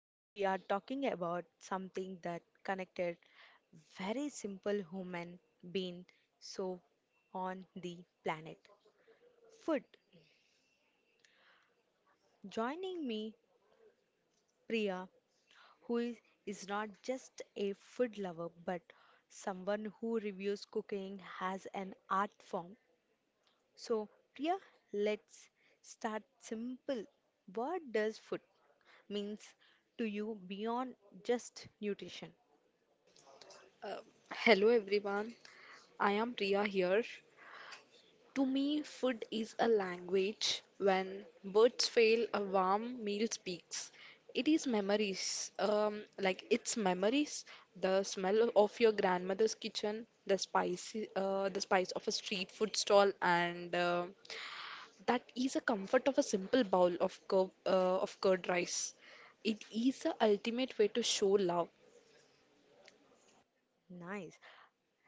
today we are talking about something that connected very simple human being so on the planet. Food. Joining me Priya who is not just a food lover but someone who reviews cooking as an art form. So Priya, let's start simple. What does food means to you beyond just nutrition? Uh, hello everyone, I am Priya here. To me, food is a language. When words fail, a warm meal speaks. It is memories, like it's memories, the smell of your grandmother's kitchen, the spice of a street food stall, and that is a comfort of a simple bowl of curd rice. It is the ultimate way to show love. Nice.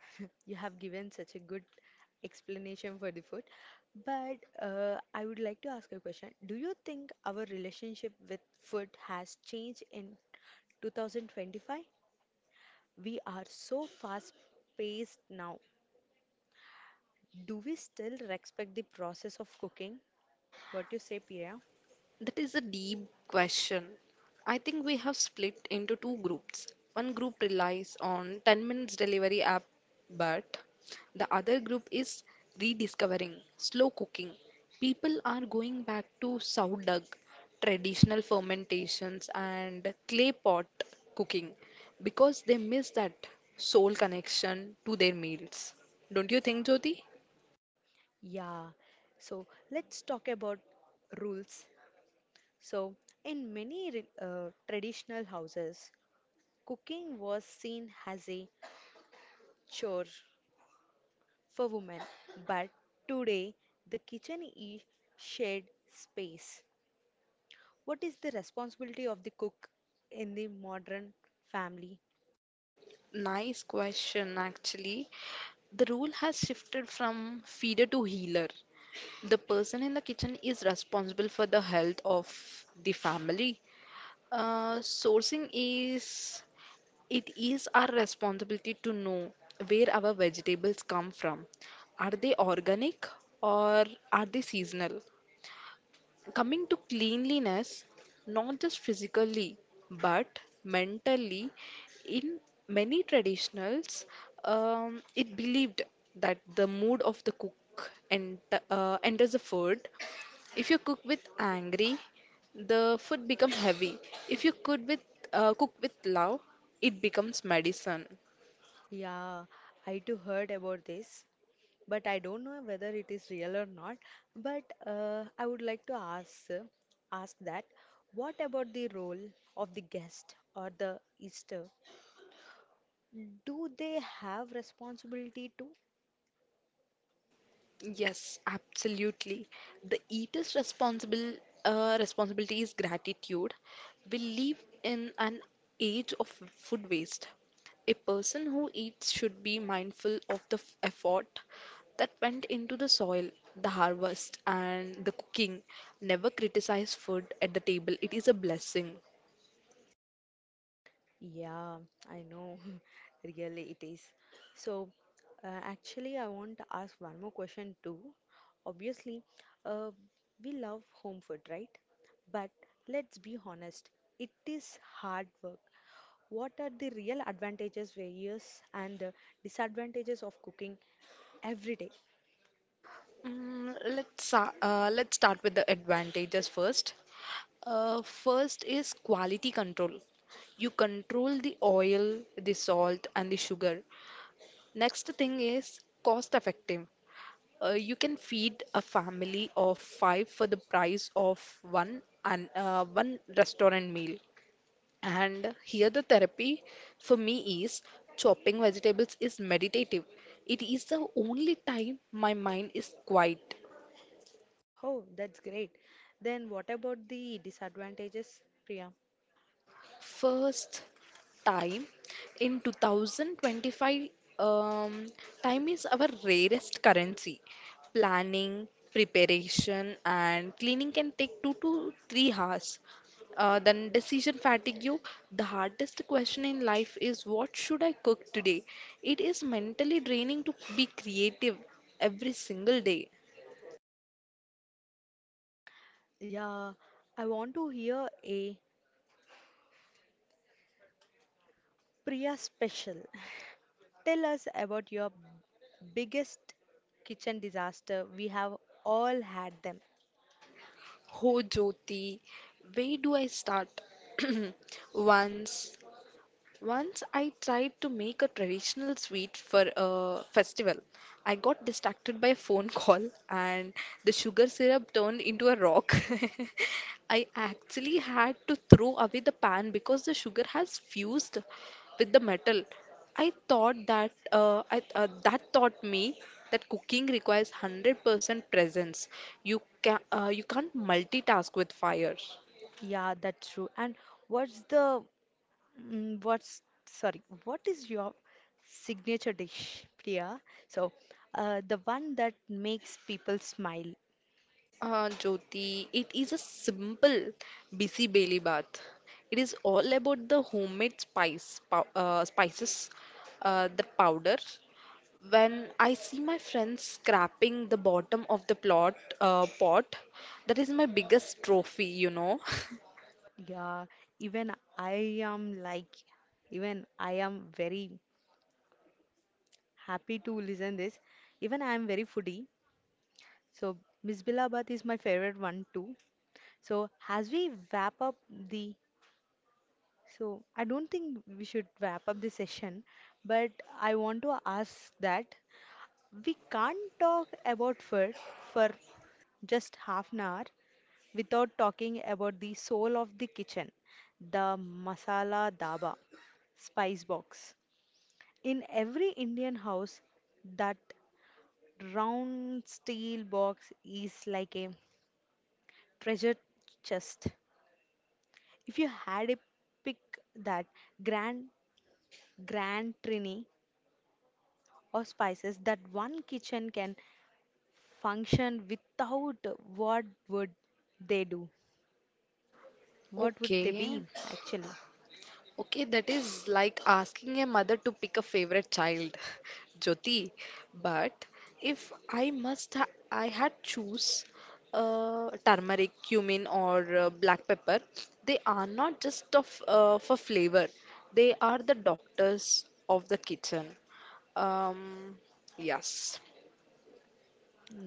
You have given such a good explanation for the food. But I would like to ask a question. Do you think our relationship with food has changed in 2025? We are so fast-paced now. Do we still respect the process of cooking? What do you say, Priya? That is a deep question. I think we have split into two groups. One group relies on 10 minutes delivery app, but the other group is rediscovering slow cooking. People are going back to sourdough, traditional fermentations, and clay pot cooking because they miss that soul connection to their meals. Don't you think, Jyoti? Yeah. So let's talk about rules. So in many traditional houses, cooking was seen as a chore for women, but today the kitchen is shared space. What is the responsibility of the cook in the modern family? Nice question, actually. The rule has shifted from feeder to healer. The person in the kitchen is responsible for the health of the family. Sourcing, it is our responsibility to know where our vegetables come from. Are they organic or are they seasonal? Coming to cleanliness, not just physically but mentally, in many traditionals, it believed that the mood of the cook and enters the food. If you cook with angry, the food become heavy. If you cook with love, it becomes medicine. Yeah, I too heard about this, but I don't know whether it is real or not. But I would like to ask that what about the role of the guest or the Easter? Do they have responsibility too? Yes, absolutely. The eater's responsible responsibility is gratitude. We live in an age of food waste. A person who eats should be mindful of the effort that went into the soil, the harvest, and the cooking. Never criticize food at the table. It is a blessing. Yeah, I know. Really, it is. So, actually, I want to ask one more question too. Obviously, uh, we love home food, right? But let's be honest, it is hard work. What are the real advantages, various, and disadvantages of cooking every day? Let's start with the advantages first. First is quality control. You control the oil, the salt, and the sugar. Next thing is cost effective. You can feed a family of five for the price of one restaurant meal. And here the therapy for me is chopping vegetables is meditative. It is the only time my mind is quiet. Oh, that's great. Then, what about the disadvantages, Priya? First time in 2025, um, time is our rarest currency. Planning, preparation and cleaning can take 2 to 3 hours. Then decision fatigue. The hardest question in life is, what should I cook today? It is mentally draining to be creative every single day. Yeah, I want to hear a Priya special. Tell us about your biggest kitchen disaster. We have all had them. Ho Jyoti, where do I start? once Once I tried to make a traditional sweet for a festival. I got distracted by a phone call and the sugar syrup turned into a rock. I actually had to throw away the pan because the sugar has fused with the metal. I thought that taught me that cooking requires 100% presence. You can you can't multitask with fire. Yeah, that's true. And what's the mm, what's sorry, what is your signature dish, Priya? So, the one that makes people smile. Jyoti, it is a simple busy belly bath. It is all about the homemade spices, the powder. When I see my friends scraping the bottom of the plot pot, that is my biggest trophy, you know. Yeah, even I am like, even I am very happy to listen this. Even I am very foodie. So, Miss Bilabat is my favorite one too. So, as we wrap up the So I don't think we should wrap up this session, but I want to ask that we can't talk about food for just half an hour without talking about the soul of the kitchen, the masala daba, spice box. In every Indian house, that round steel box is like a treasure chest. If you had a pick that grand grand trini or spices that one kitchen can function without, what would they do? What would they Okay. be actually? Okay, that is like asking a mother to pick a favorite child, Jyoti. But if I must, ha, I had choose turmeric, cumin, or black pepper. They are not just of for flavor. They are the doctors of the kitchen. Um, yes.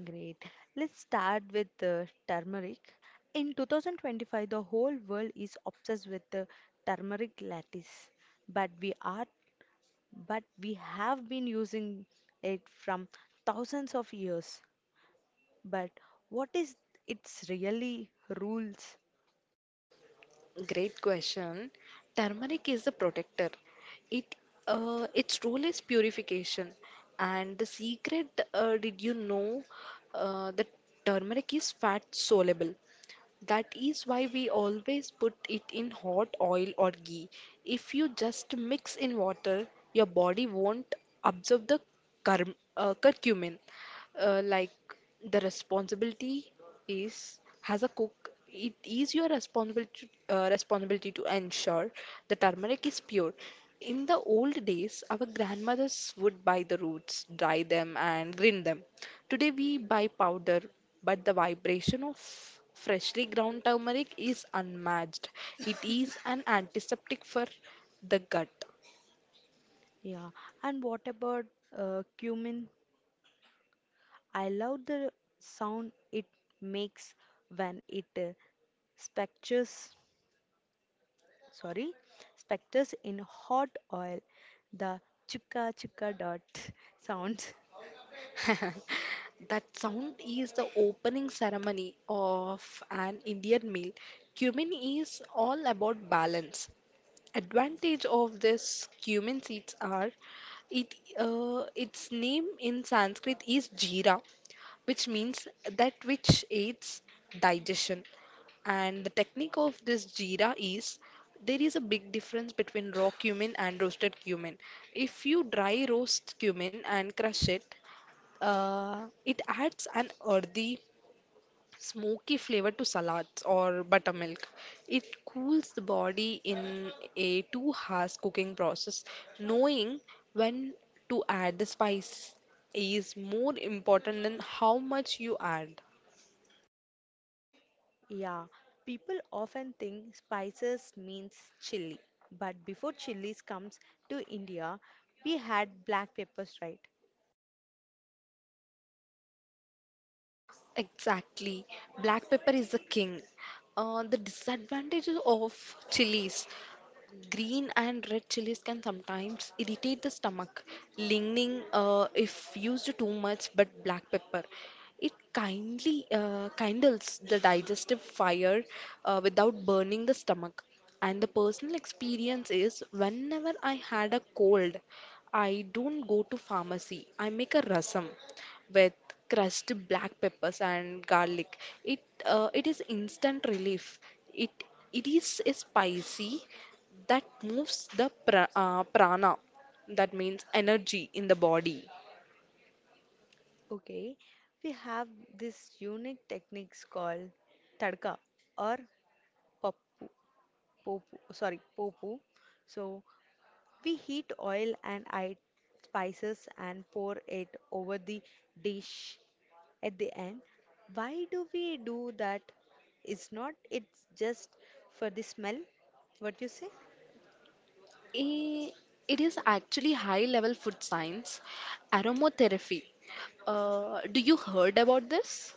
Great. Let's start with turmeric. In 2025, the whole world is obsessed with the turmeric lattice, but we are, but we have been using it from thousands of years. But what is its really rules? Great question. Turmeric is a protector. It its role is purification. And the secret, did you know, that turmeric is fat soluble. That is why we always put it in hot oil or ghee. If you just mix in water, your body won't absorb the curm curcumin. Like, the responsibility is has a cook it is your responsibility to ensure the turmeric is pure. In the old days, our grandmothers would buy the roots, dry them and grind them. Today we buy powder, but the vibration of freshly ground turmeric is unmatched. It is an antiseptic for the gut. Yeah. And what about cumin? I love the sound it makes when it specters, sorry, specters in hot oil. The chuka chuka dot sound. That sound is the opening ceremony of an Indian meal. Cumin is all about balance. Advantage of this cumin seeds are it its name in Sanskrit is jeera, which means that which aids digestion. And the technique of this jeera is there is a big difference between raw cumin and roasted cumin. If you dry roast cumin and crush it, it adds an earthy, smoky flavor to salads or buttermilk. It cools the body in a 2 hours cooking process. Knowing when to add the spice is more important than how much you add. Yeah, people often think spices means chili, but before chilies comes to India, we had black peppers, right? Exactly. Black pepper is the king. The disadvantages of chilies. Green and red chilies can sometimes irritate the stomach, lingering if used too much, but black pepper. It kindly kindles the digestive fire without burning the stomach. And the personal experience is, whenever I had a cold, I don't go to pharmacy. I make a rasam with crushed black peppers and garlic. It is instant relief. It it is a spicy that moves the prana, that means energy in the body. Okay, we have this unique techniques called tadka or popu, popu, popu. So we heat oil and add spices and pour it over the dish at the end. Why do we do that? It's not, it's just for the smell. What you say? Eh, it is actually high level food science, aromatherapy. Do you heard about this?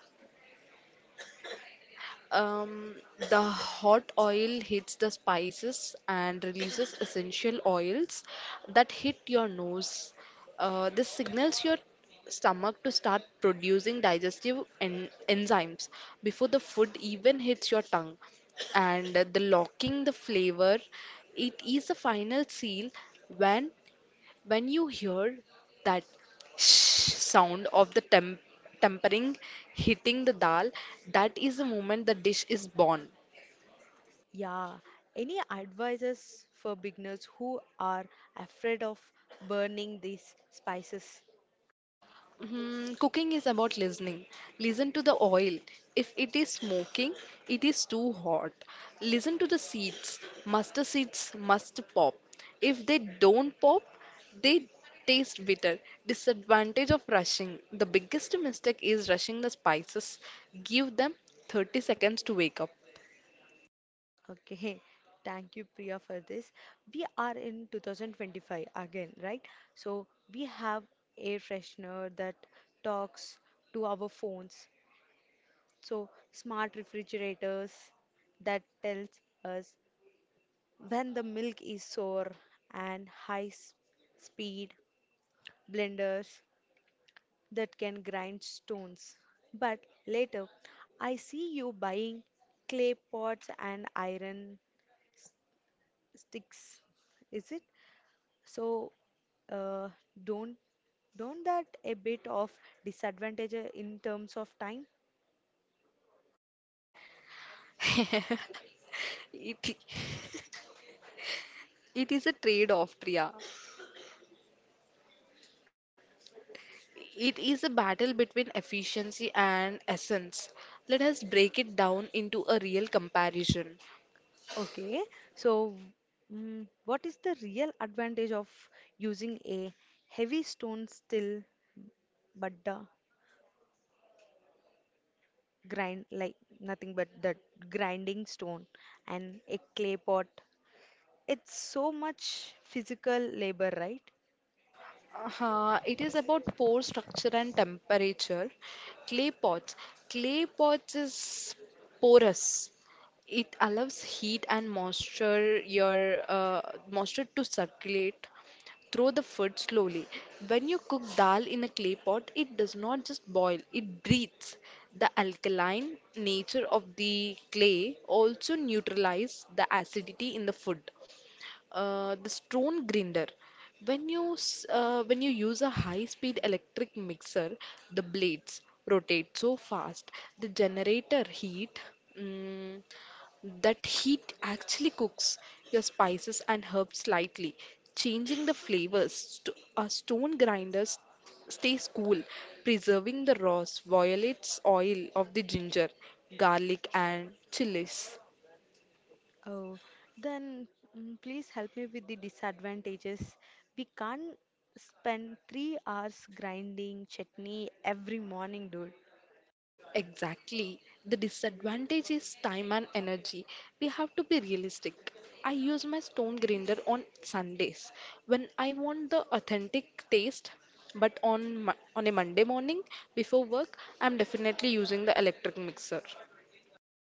Um, the hot oil hits the spices and releases essential oils that hit your nose. This signals your stomach to start producing digestive enzymes before the food even hits your tongue. And the locking the flavor, it is the final seal when you hear that shh sound of the tempering hitting the dal, that is the moment the dish is born. Yeah. Any advices for beginners who are afraid of burning these spices? Hmm, cooking is about listening. Listen to the oil. If it is smoking, it is too hot. Listen to the seeds. Mustard seeds must pop. If they don't pop, they taste bitter. Disadvantage of rushing. The biggest mistake is rushing the spices. Give them 30 seconds to wake up. Okay, thank you, Priya, for this. We are in 2025 again, right? So we have air freshener that talks to our phones. So smart refrigerators that tells us when the milk is sour and speed blenders that can grind stones. But later, I see you buying clay pots and iron sticks. Is it? So, uh, don't don't that a bit of disadvantage in terms of time? It, it is a trade-off, Priya. It is a battle between efficiency and essence. Let us break it down into a real comparison. Okay. So, what is the real advantage of using a heavy stone still, but the grind like nothing but that grinding stone and a clay pot? It's so much physical labor, right? It is about pore structure and temperature. Clay pots. Clay pots is porous. It allows heat and moisture to circulate through the food slowly. When you cook dal in a clay pot, it does not just boil, it breathes. The alkaline nature of the clay also neutralizes the acidity in the food. The stone grinder, when you use a high speed electric mixer, the blades rotate so fast, the generator heat, mm, that heat actually cooks your spices and herbs slightly, changing the flavors. A stone stays cool, preserving the raws violates oil of the ginger, garlic and chilies. Oh, then please help me with the disadvantages. We can't spend 3 hours grinding chutney every morning, dude. Exactly. The disadvantage is time and energy. We have to be realistic. I use my stone grinder on Sundays when I want the authentic taste, but on a Monday morning before work, I'm definitely using the electric mixer.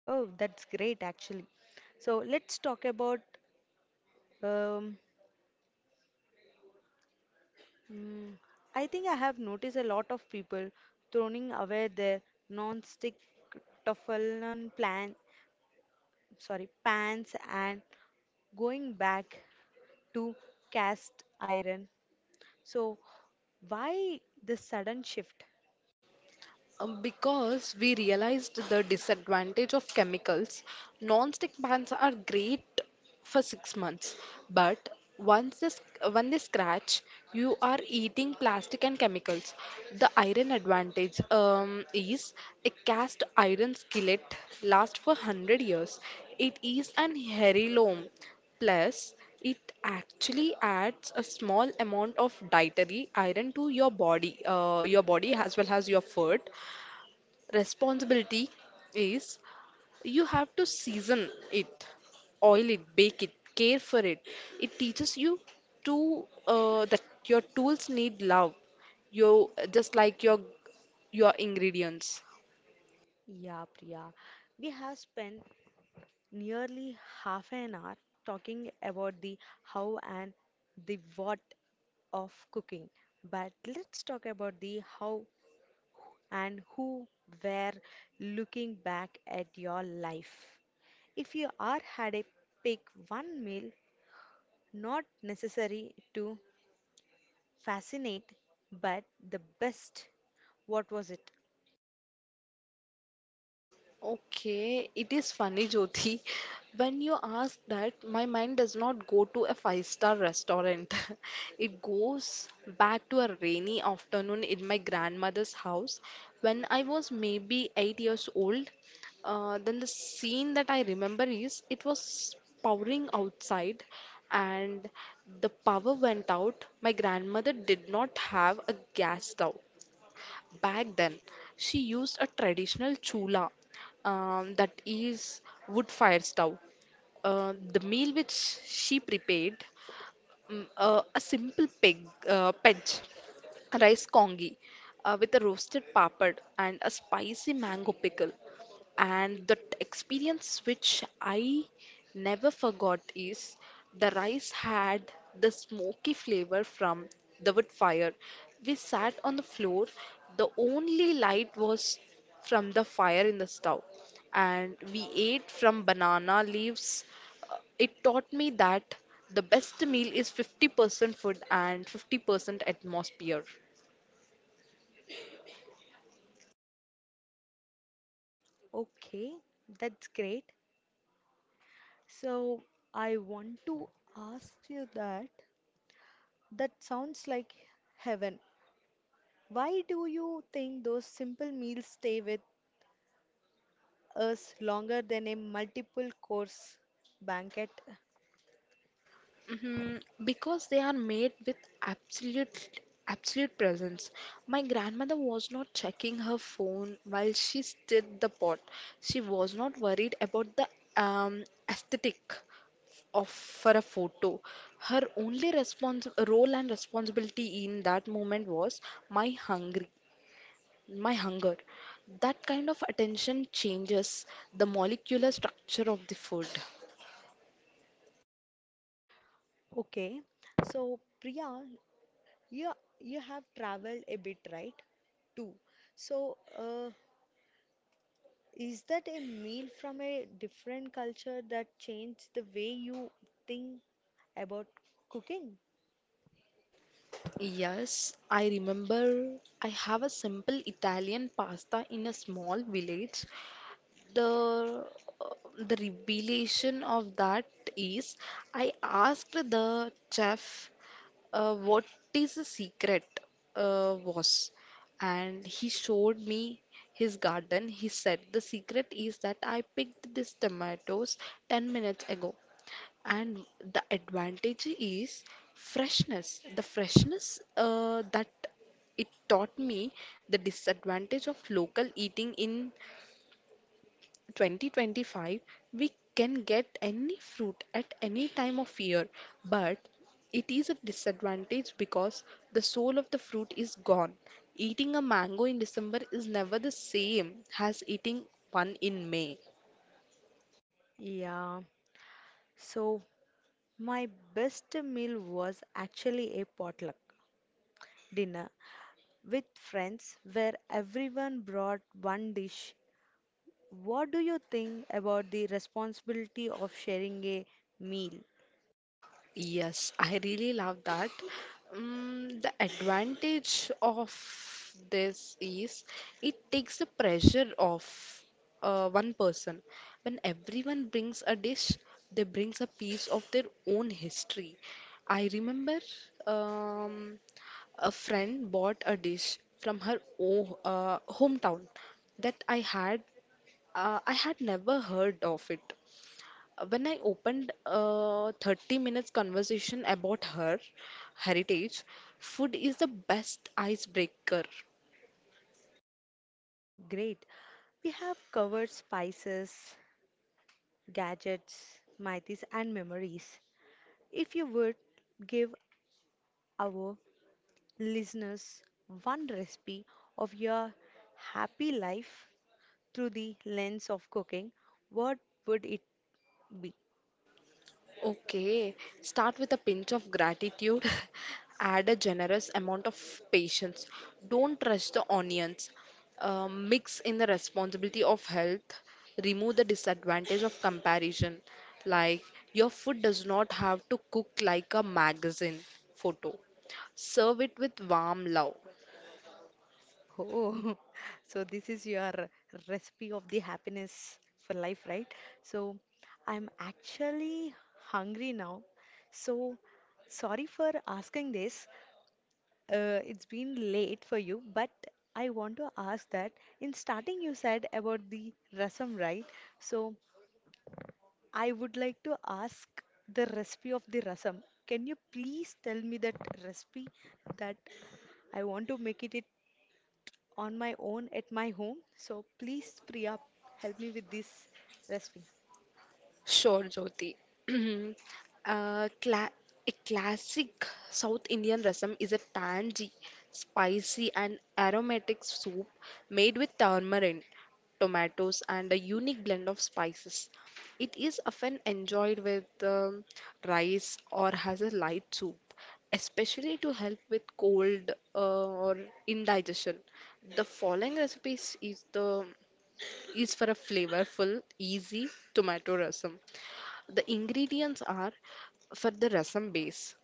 Oh, that's great actually. So let's talk about. Um, mm, I think I have noticed a lot of people throwing away their non-stick Teflon plan, sorry, pans and going back to cast iron. So, why this sudden shift? Because we realized the disadvantage of chemicals, non-stick pans are great for 6 months, but once this, when they scratch, you are eating plastic and chemicals. The iron advantage is a cast iron skillet lasts for 100 years. It is an heirloom. Plus, it actually adds a small amount of dietary iron to your body as well as your food. Responsibility is you have to season it, oil it, bake it, care for it. It teaches you to that your tools need love. You just like your ingredients. Yeah, Priya, we have spent nearly half an hour talking about the how and the what of cooking, but let's talk about the how and who were looking back at your life. If you are had a pick one meal, not necessary to fascinate, but the best, what was it? Okay, it is funny, Jyoti. When you ask that, my mind does not go to a five-star restaurant. It goes back to a rainy afternoon in my grandmother's house when I was maybe 8 years old. Then the scene that I remember is, it was powering outside and the power went out. My grandmother did not have a gas stove. Back then, she used a traditional chula, that is wood fire stove. The meal which she prepared, Mm, uh, a simple peg, pej, rice congee with a roasted papad and a spicy mango pickle. And the experience which I never forgot is the rice had the smoky flavor from the wood fire. We sat on the floor, the only light was from the fire in the stove, and we ate from banana leaves. It taught me that the best meal is 50% food and 50% atmosphere. Okay, that's great. So I want to ask you that that sounds like heaven. Why do you think those simple meals stay with us longer than a multiple course banquet? Hmm, because they are made with absolute absolute presence. My grandmother was not checking her phone while she stirred the pot. She was not worried about the aesthetic of for a photo. Her only role and responsibility in that moment was my hungry. My hunger. That kind of attention changes the molecular structure of the food. Okay, so Priya, you you have traveled a bit, right? Too. So, is that a meal from a different culture that changed the way you think about cooking? Yes, I remember I have a simple Italian pasta in a small village. the uh, the revelation of that is I asked the chef, what is the secret was And he showed me his garden. He said, "The secret is that I picked these tomatoes 10 minutes ago." And the advantage is freshness, the freshness, that it taught me. The disadvantage of local eating: in 2025, we can get any fruit at any time of year, but it is a disadvantage because the soul of the fruit is gone. Eating a mango in December is never the same as eating one in May. Yeah, so my best meal was actually a potluck dinner with friends where everyone brought one dish. What do you think about the responsibility of sharing a meal? Yes, I really love that. The advantage of this is it takes the pressure off one person. When everyone brings a dish, they brings a piece of their own history. I remember, um, a friend bought a dish from her o hometown that I had never heard of it. When I opened a 30 minutes conversation about her heritage, food is the best icebreaker. Oh, great. We have covered spices, gadgets, myths, and memories. If you would give our listeners one recipe of your happy life, through the lens of cooking, what would it be? Okay, start with a pinch of gratitude, add a generous amount of patience, don't rush the onions, mix in the responsibility of health, remove the disadvantage of comparison, like your food does not have to cook like a magazine photo. Serve it with warm love. Oh, so this is your recipe of the happiness for life, right? So I'm actually hungry now. So sorry for asking this. It's been late for you, but I want to ask that in starting you said about the rasam, right? So I would like to ask the recipe of the rasam. Can you please tell me that recipe that I want to it on my own at my home? So please, Priya, help me with this recipe. Sure, Jyoti. Cla A classic South Indian rasam is a tangy, spicy, and aromatic soup made with tamarind, tomatoes, and a unique blend of spices. It is often enjoyed with rice or has a light soup, especially to help with cold or indigestion. The following recipes is the is for a flavorful, easy tomato rasam. The ingredients are for the rasam base.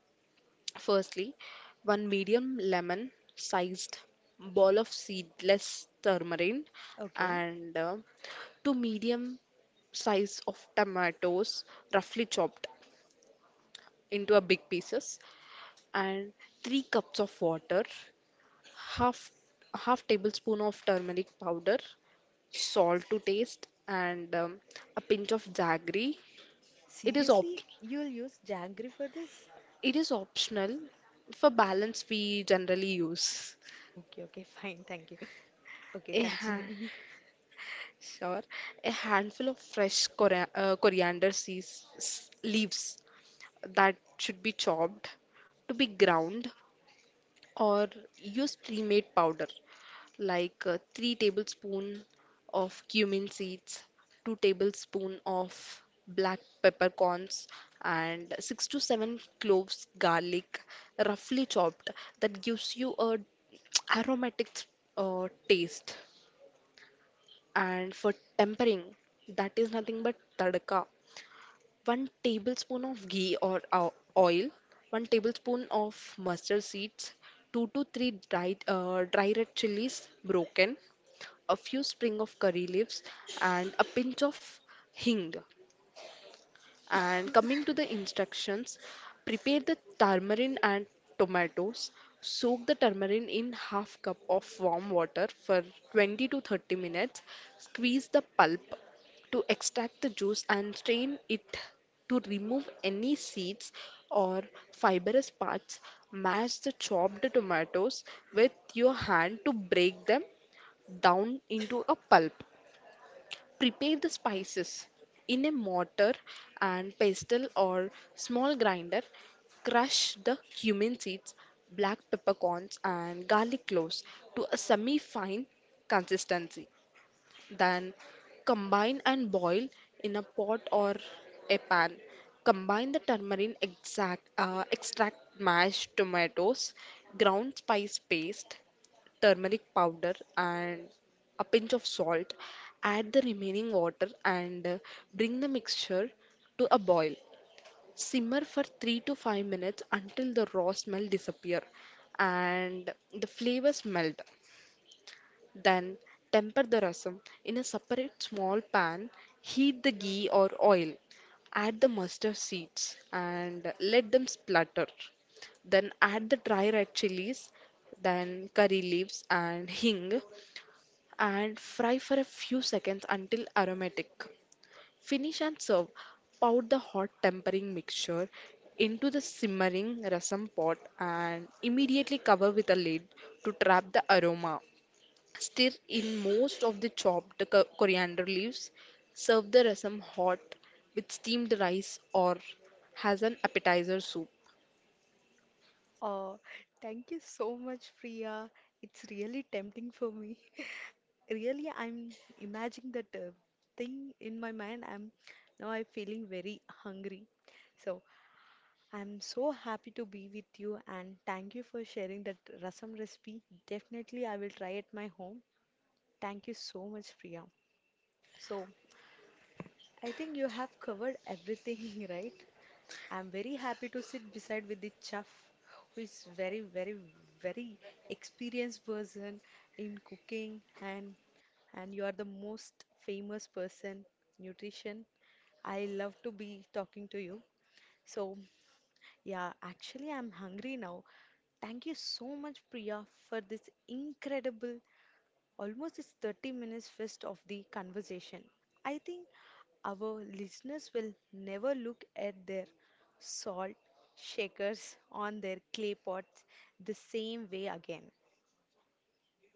Firstly, one medium lemon sized ball of seedless turmeric, Okay. and two medium size of tomatoes roughly chopped into a big pieces, and 3 cups of water, half half tablespoon of turmeric powder, salt to taste, and a pinch of jaggery. it is op Seriously, you will use jaggery for this? It is optional. For balance, we generally use Okay, okay, fine, thank you. Okay, a ha- continue. sure, a handful of fresh coriander leaves that should be chopped to be ground, or use pre-made powder. Like, 3 tablespoon of cumin seeds, 2 tablespoon of black peppercorns, and 6 to 7 cloves garlic roughly chopped, that gives you a aromatic taste. And for tempering, that is nothing but tadka. One tablespoon of ghee or oil, one tablespoon of mustard seeds, two to three dried, dry red chilies broken, a few spring of curry leaves, and a pinch of hing. And coming to the instructions, prepare the tamarind and tomatoes. Soak the tamarind in half cup of warm water for 20 to 30 minutes. Squeeze the pulp to extract the juice and strain it to remove any seeds or fibrous parts. Mash the chopped tomatoes with your hand to break them down into a pulp. Prepare the spices in a mortar and pestle or small grinder. Crush the cumin seeds, black peppercorns, and garlic cloves to a semi fine consistency. Then combine and boil in a pot or a pan. Combine the turmeric extract, mashed tomatoes, ground spice paste, turmeric powder, and a pinch of salt. Add the remaining water and bring the mixture to a boil. Simmer for 3 to 5 minutes until the raw smell disappear and the flavors melt. Then temper the rasam. In a separate small pan, heat the ghee or oil, add the mustard seeds and let them splutter. Then add the dry red chilies, then curry leaves and hing, and fry for a few seconds until aromatic. Finish and serve. Pour the hot tempering mixture into the simmering rasam pot and immediately cover with a lid to trap the aroma. Stir in most of the chopped coriander leaves. Serve the rasam hot with steamed rice or as an appetizer soup. Oh, thank you so much, Priya. It's really tempting for me. Really, I'm imagining that thing in my mind. I'm feeling very hungry. So I'm so happy to be with you and thank you for sharing that rasam recipe. Definitely, I will try at my home. Thank you so much, Priya. So I think you have covered everything, right? I'm very happy to sit beside with the chef who is very, very, very experienced person in cooking and you are the most famous person, nutrition. I love to be talking to you. So, yeah, actually, I'm hungry now. Thank you so much, Priya, for this incredible, almost this 30 minutes fist of the conversation. I think our listeners will never look at their salt shakers on their clay pots the same way again.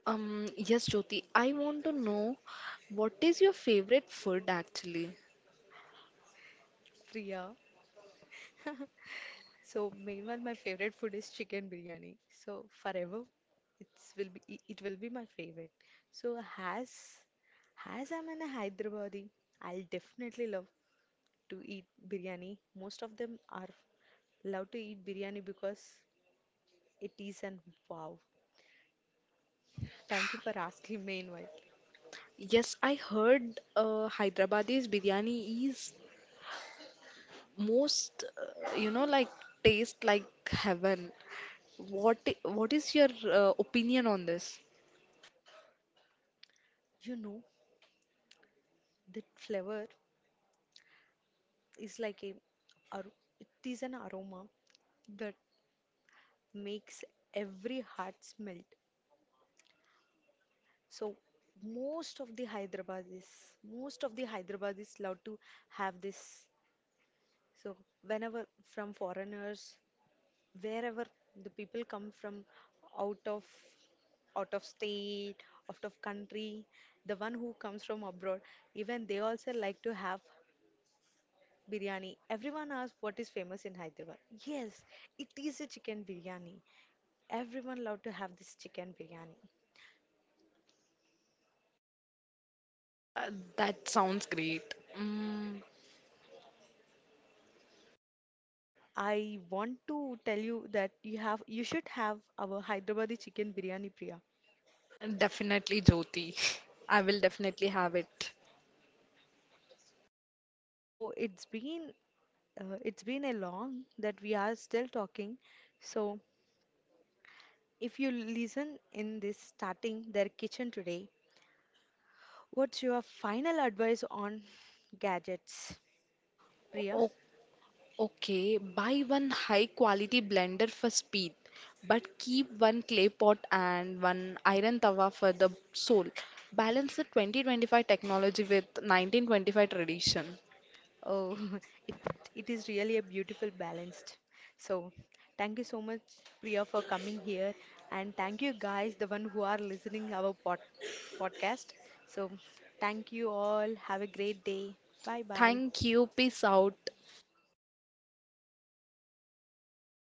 Yes, Jyoti, I want to know, what is your favorite food actually? Priya, so meanwhile, my favorite food is chicken biryani. So forever, it will be my favorite. So as I'm in a Hyderabadi, I'll definitely love to eat biryani. Most of them are love to eat biryani because it is an wow. Thank you for asking me. Meanwhile, Yes, I heard Hyderabadi's biryani is most, you know, like taste like heaven. What is your opinion on this? you know the flavor is like a ar- it is an aroma that makes every heart smell. So most of the Hyderabadis, most of the Hyderabadis love to have this. So whenever from foreigners, wherever the people come from out of out of state, out of country, the one who comes from abroad, even they also like to have biryani. Everyone asks what is famous in Hyderabad. Yes, it is a chicken biryani. Everyone love to have this chicken biryani. Uh, that sounds great. Mm. I want to tell you that you should have our Hyderabadi chicken biryani, Priya. Definitely, Jyoti. I will definitely have it. So it's been a long that we are still talking. So if you listen in this starting their kitchen today, what's your final advice on gadgets, Priya? O- okay, buy one high quality blender for speed, but keep one clay pot and one iron tawa for the soul. Balance the 2025 technology with 1925 tradition. Oh, it, it is really a beautiful balanced. So, thank you so much, Priya, for coming here, and thank you guys, the one who are listening our podcast. So, thank you all. Have a great day. Bye bye. Thank you. Peace out.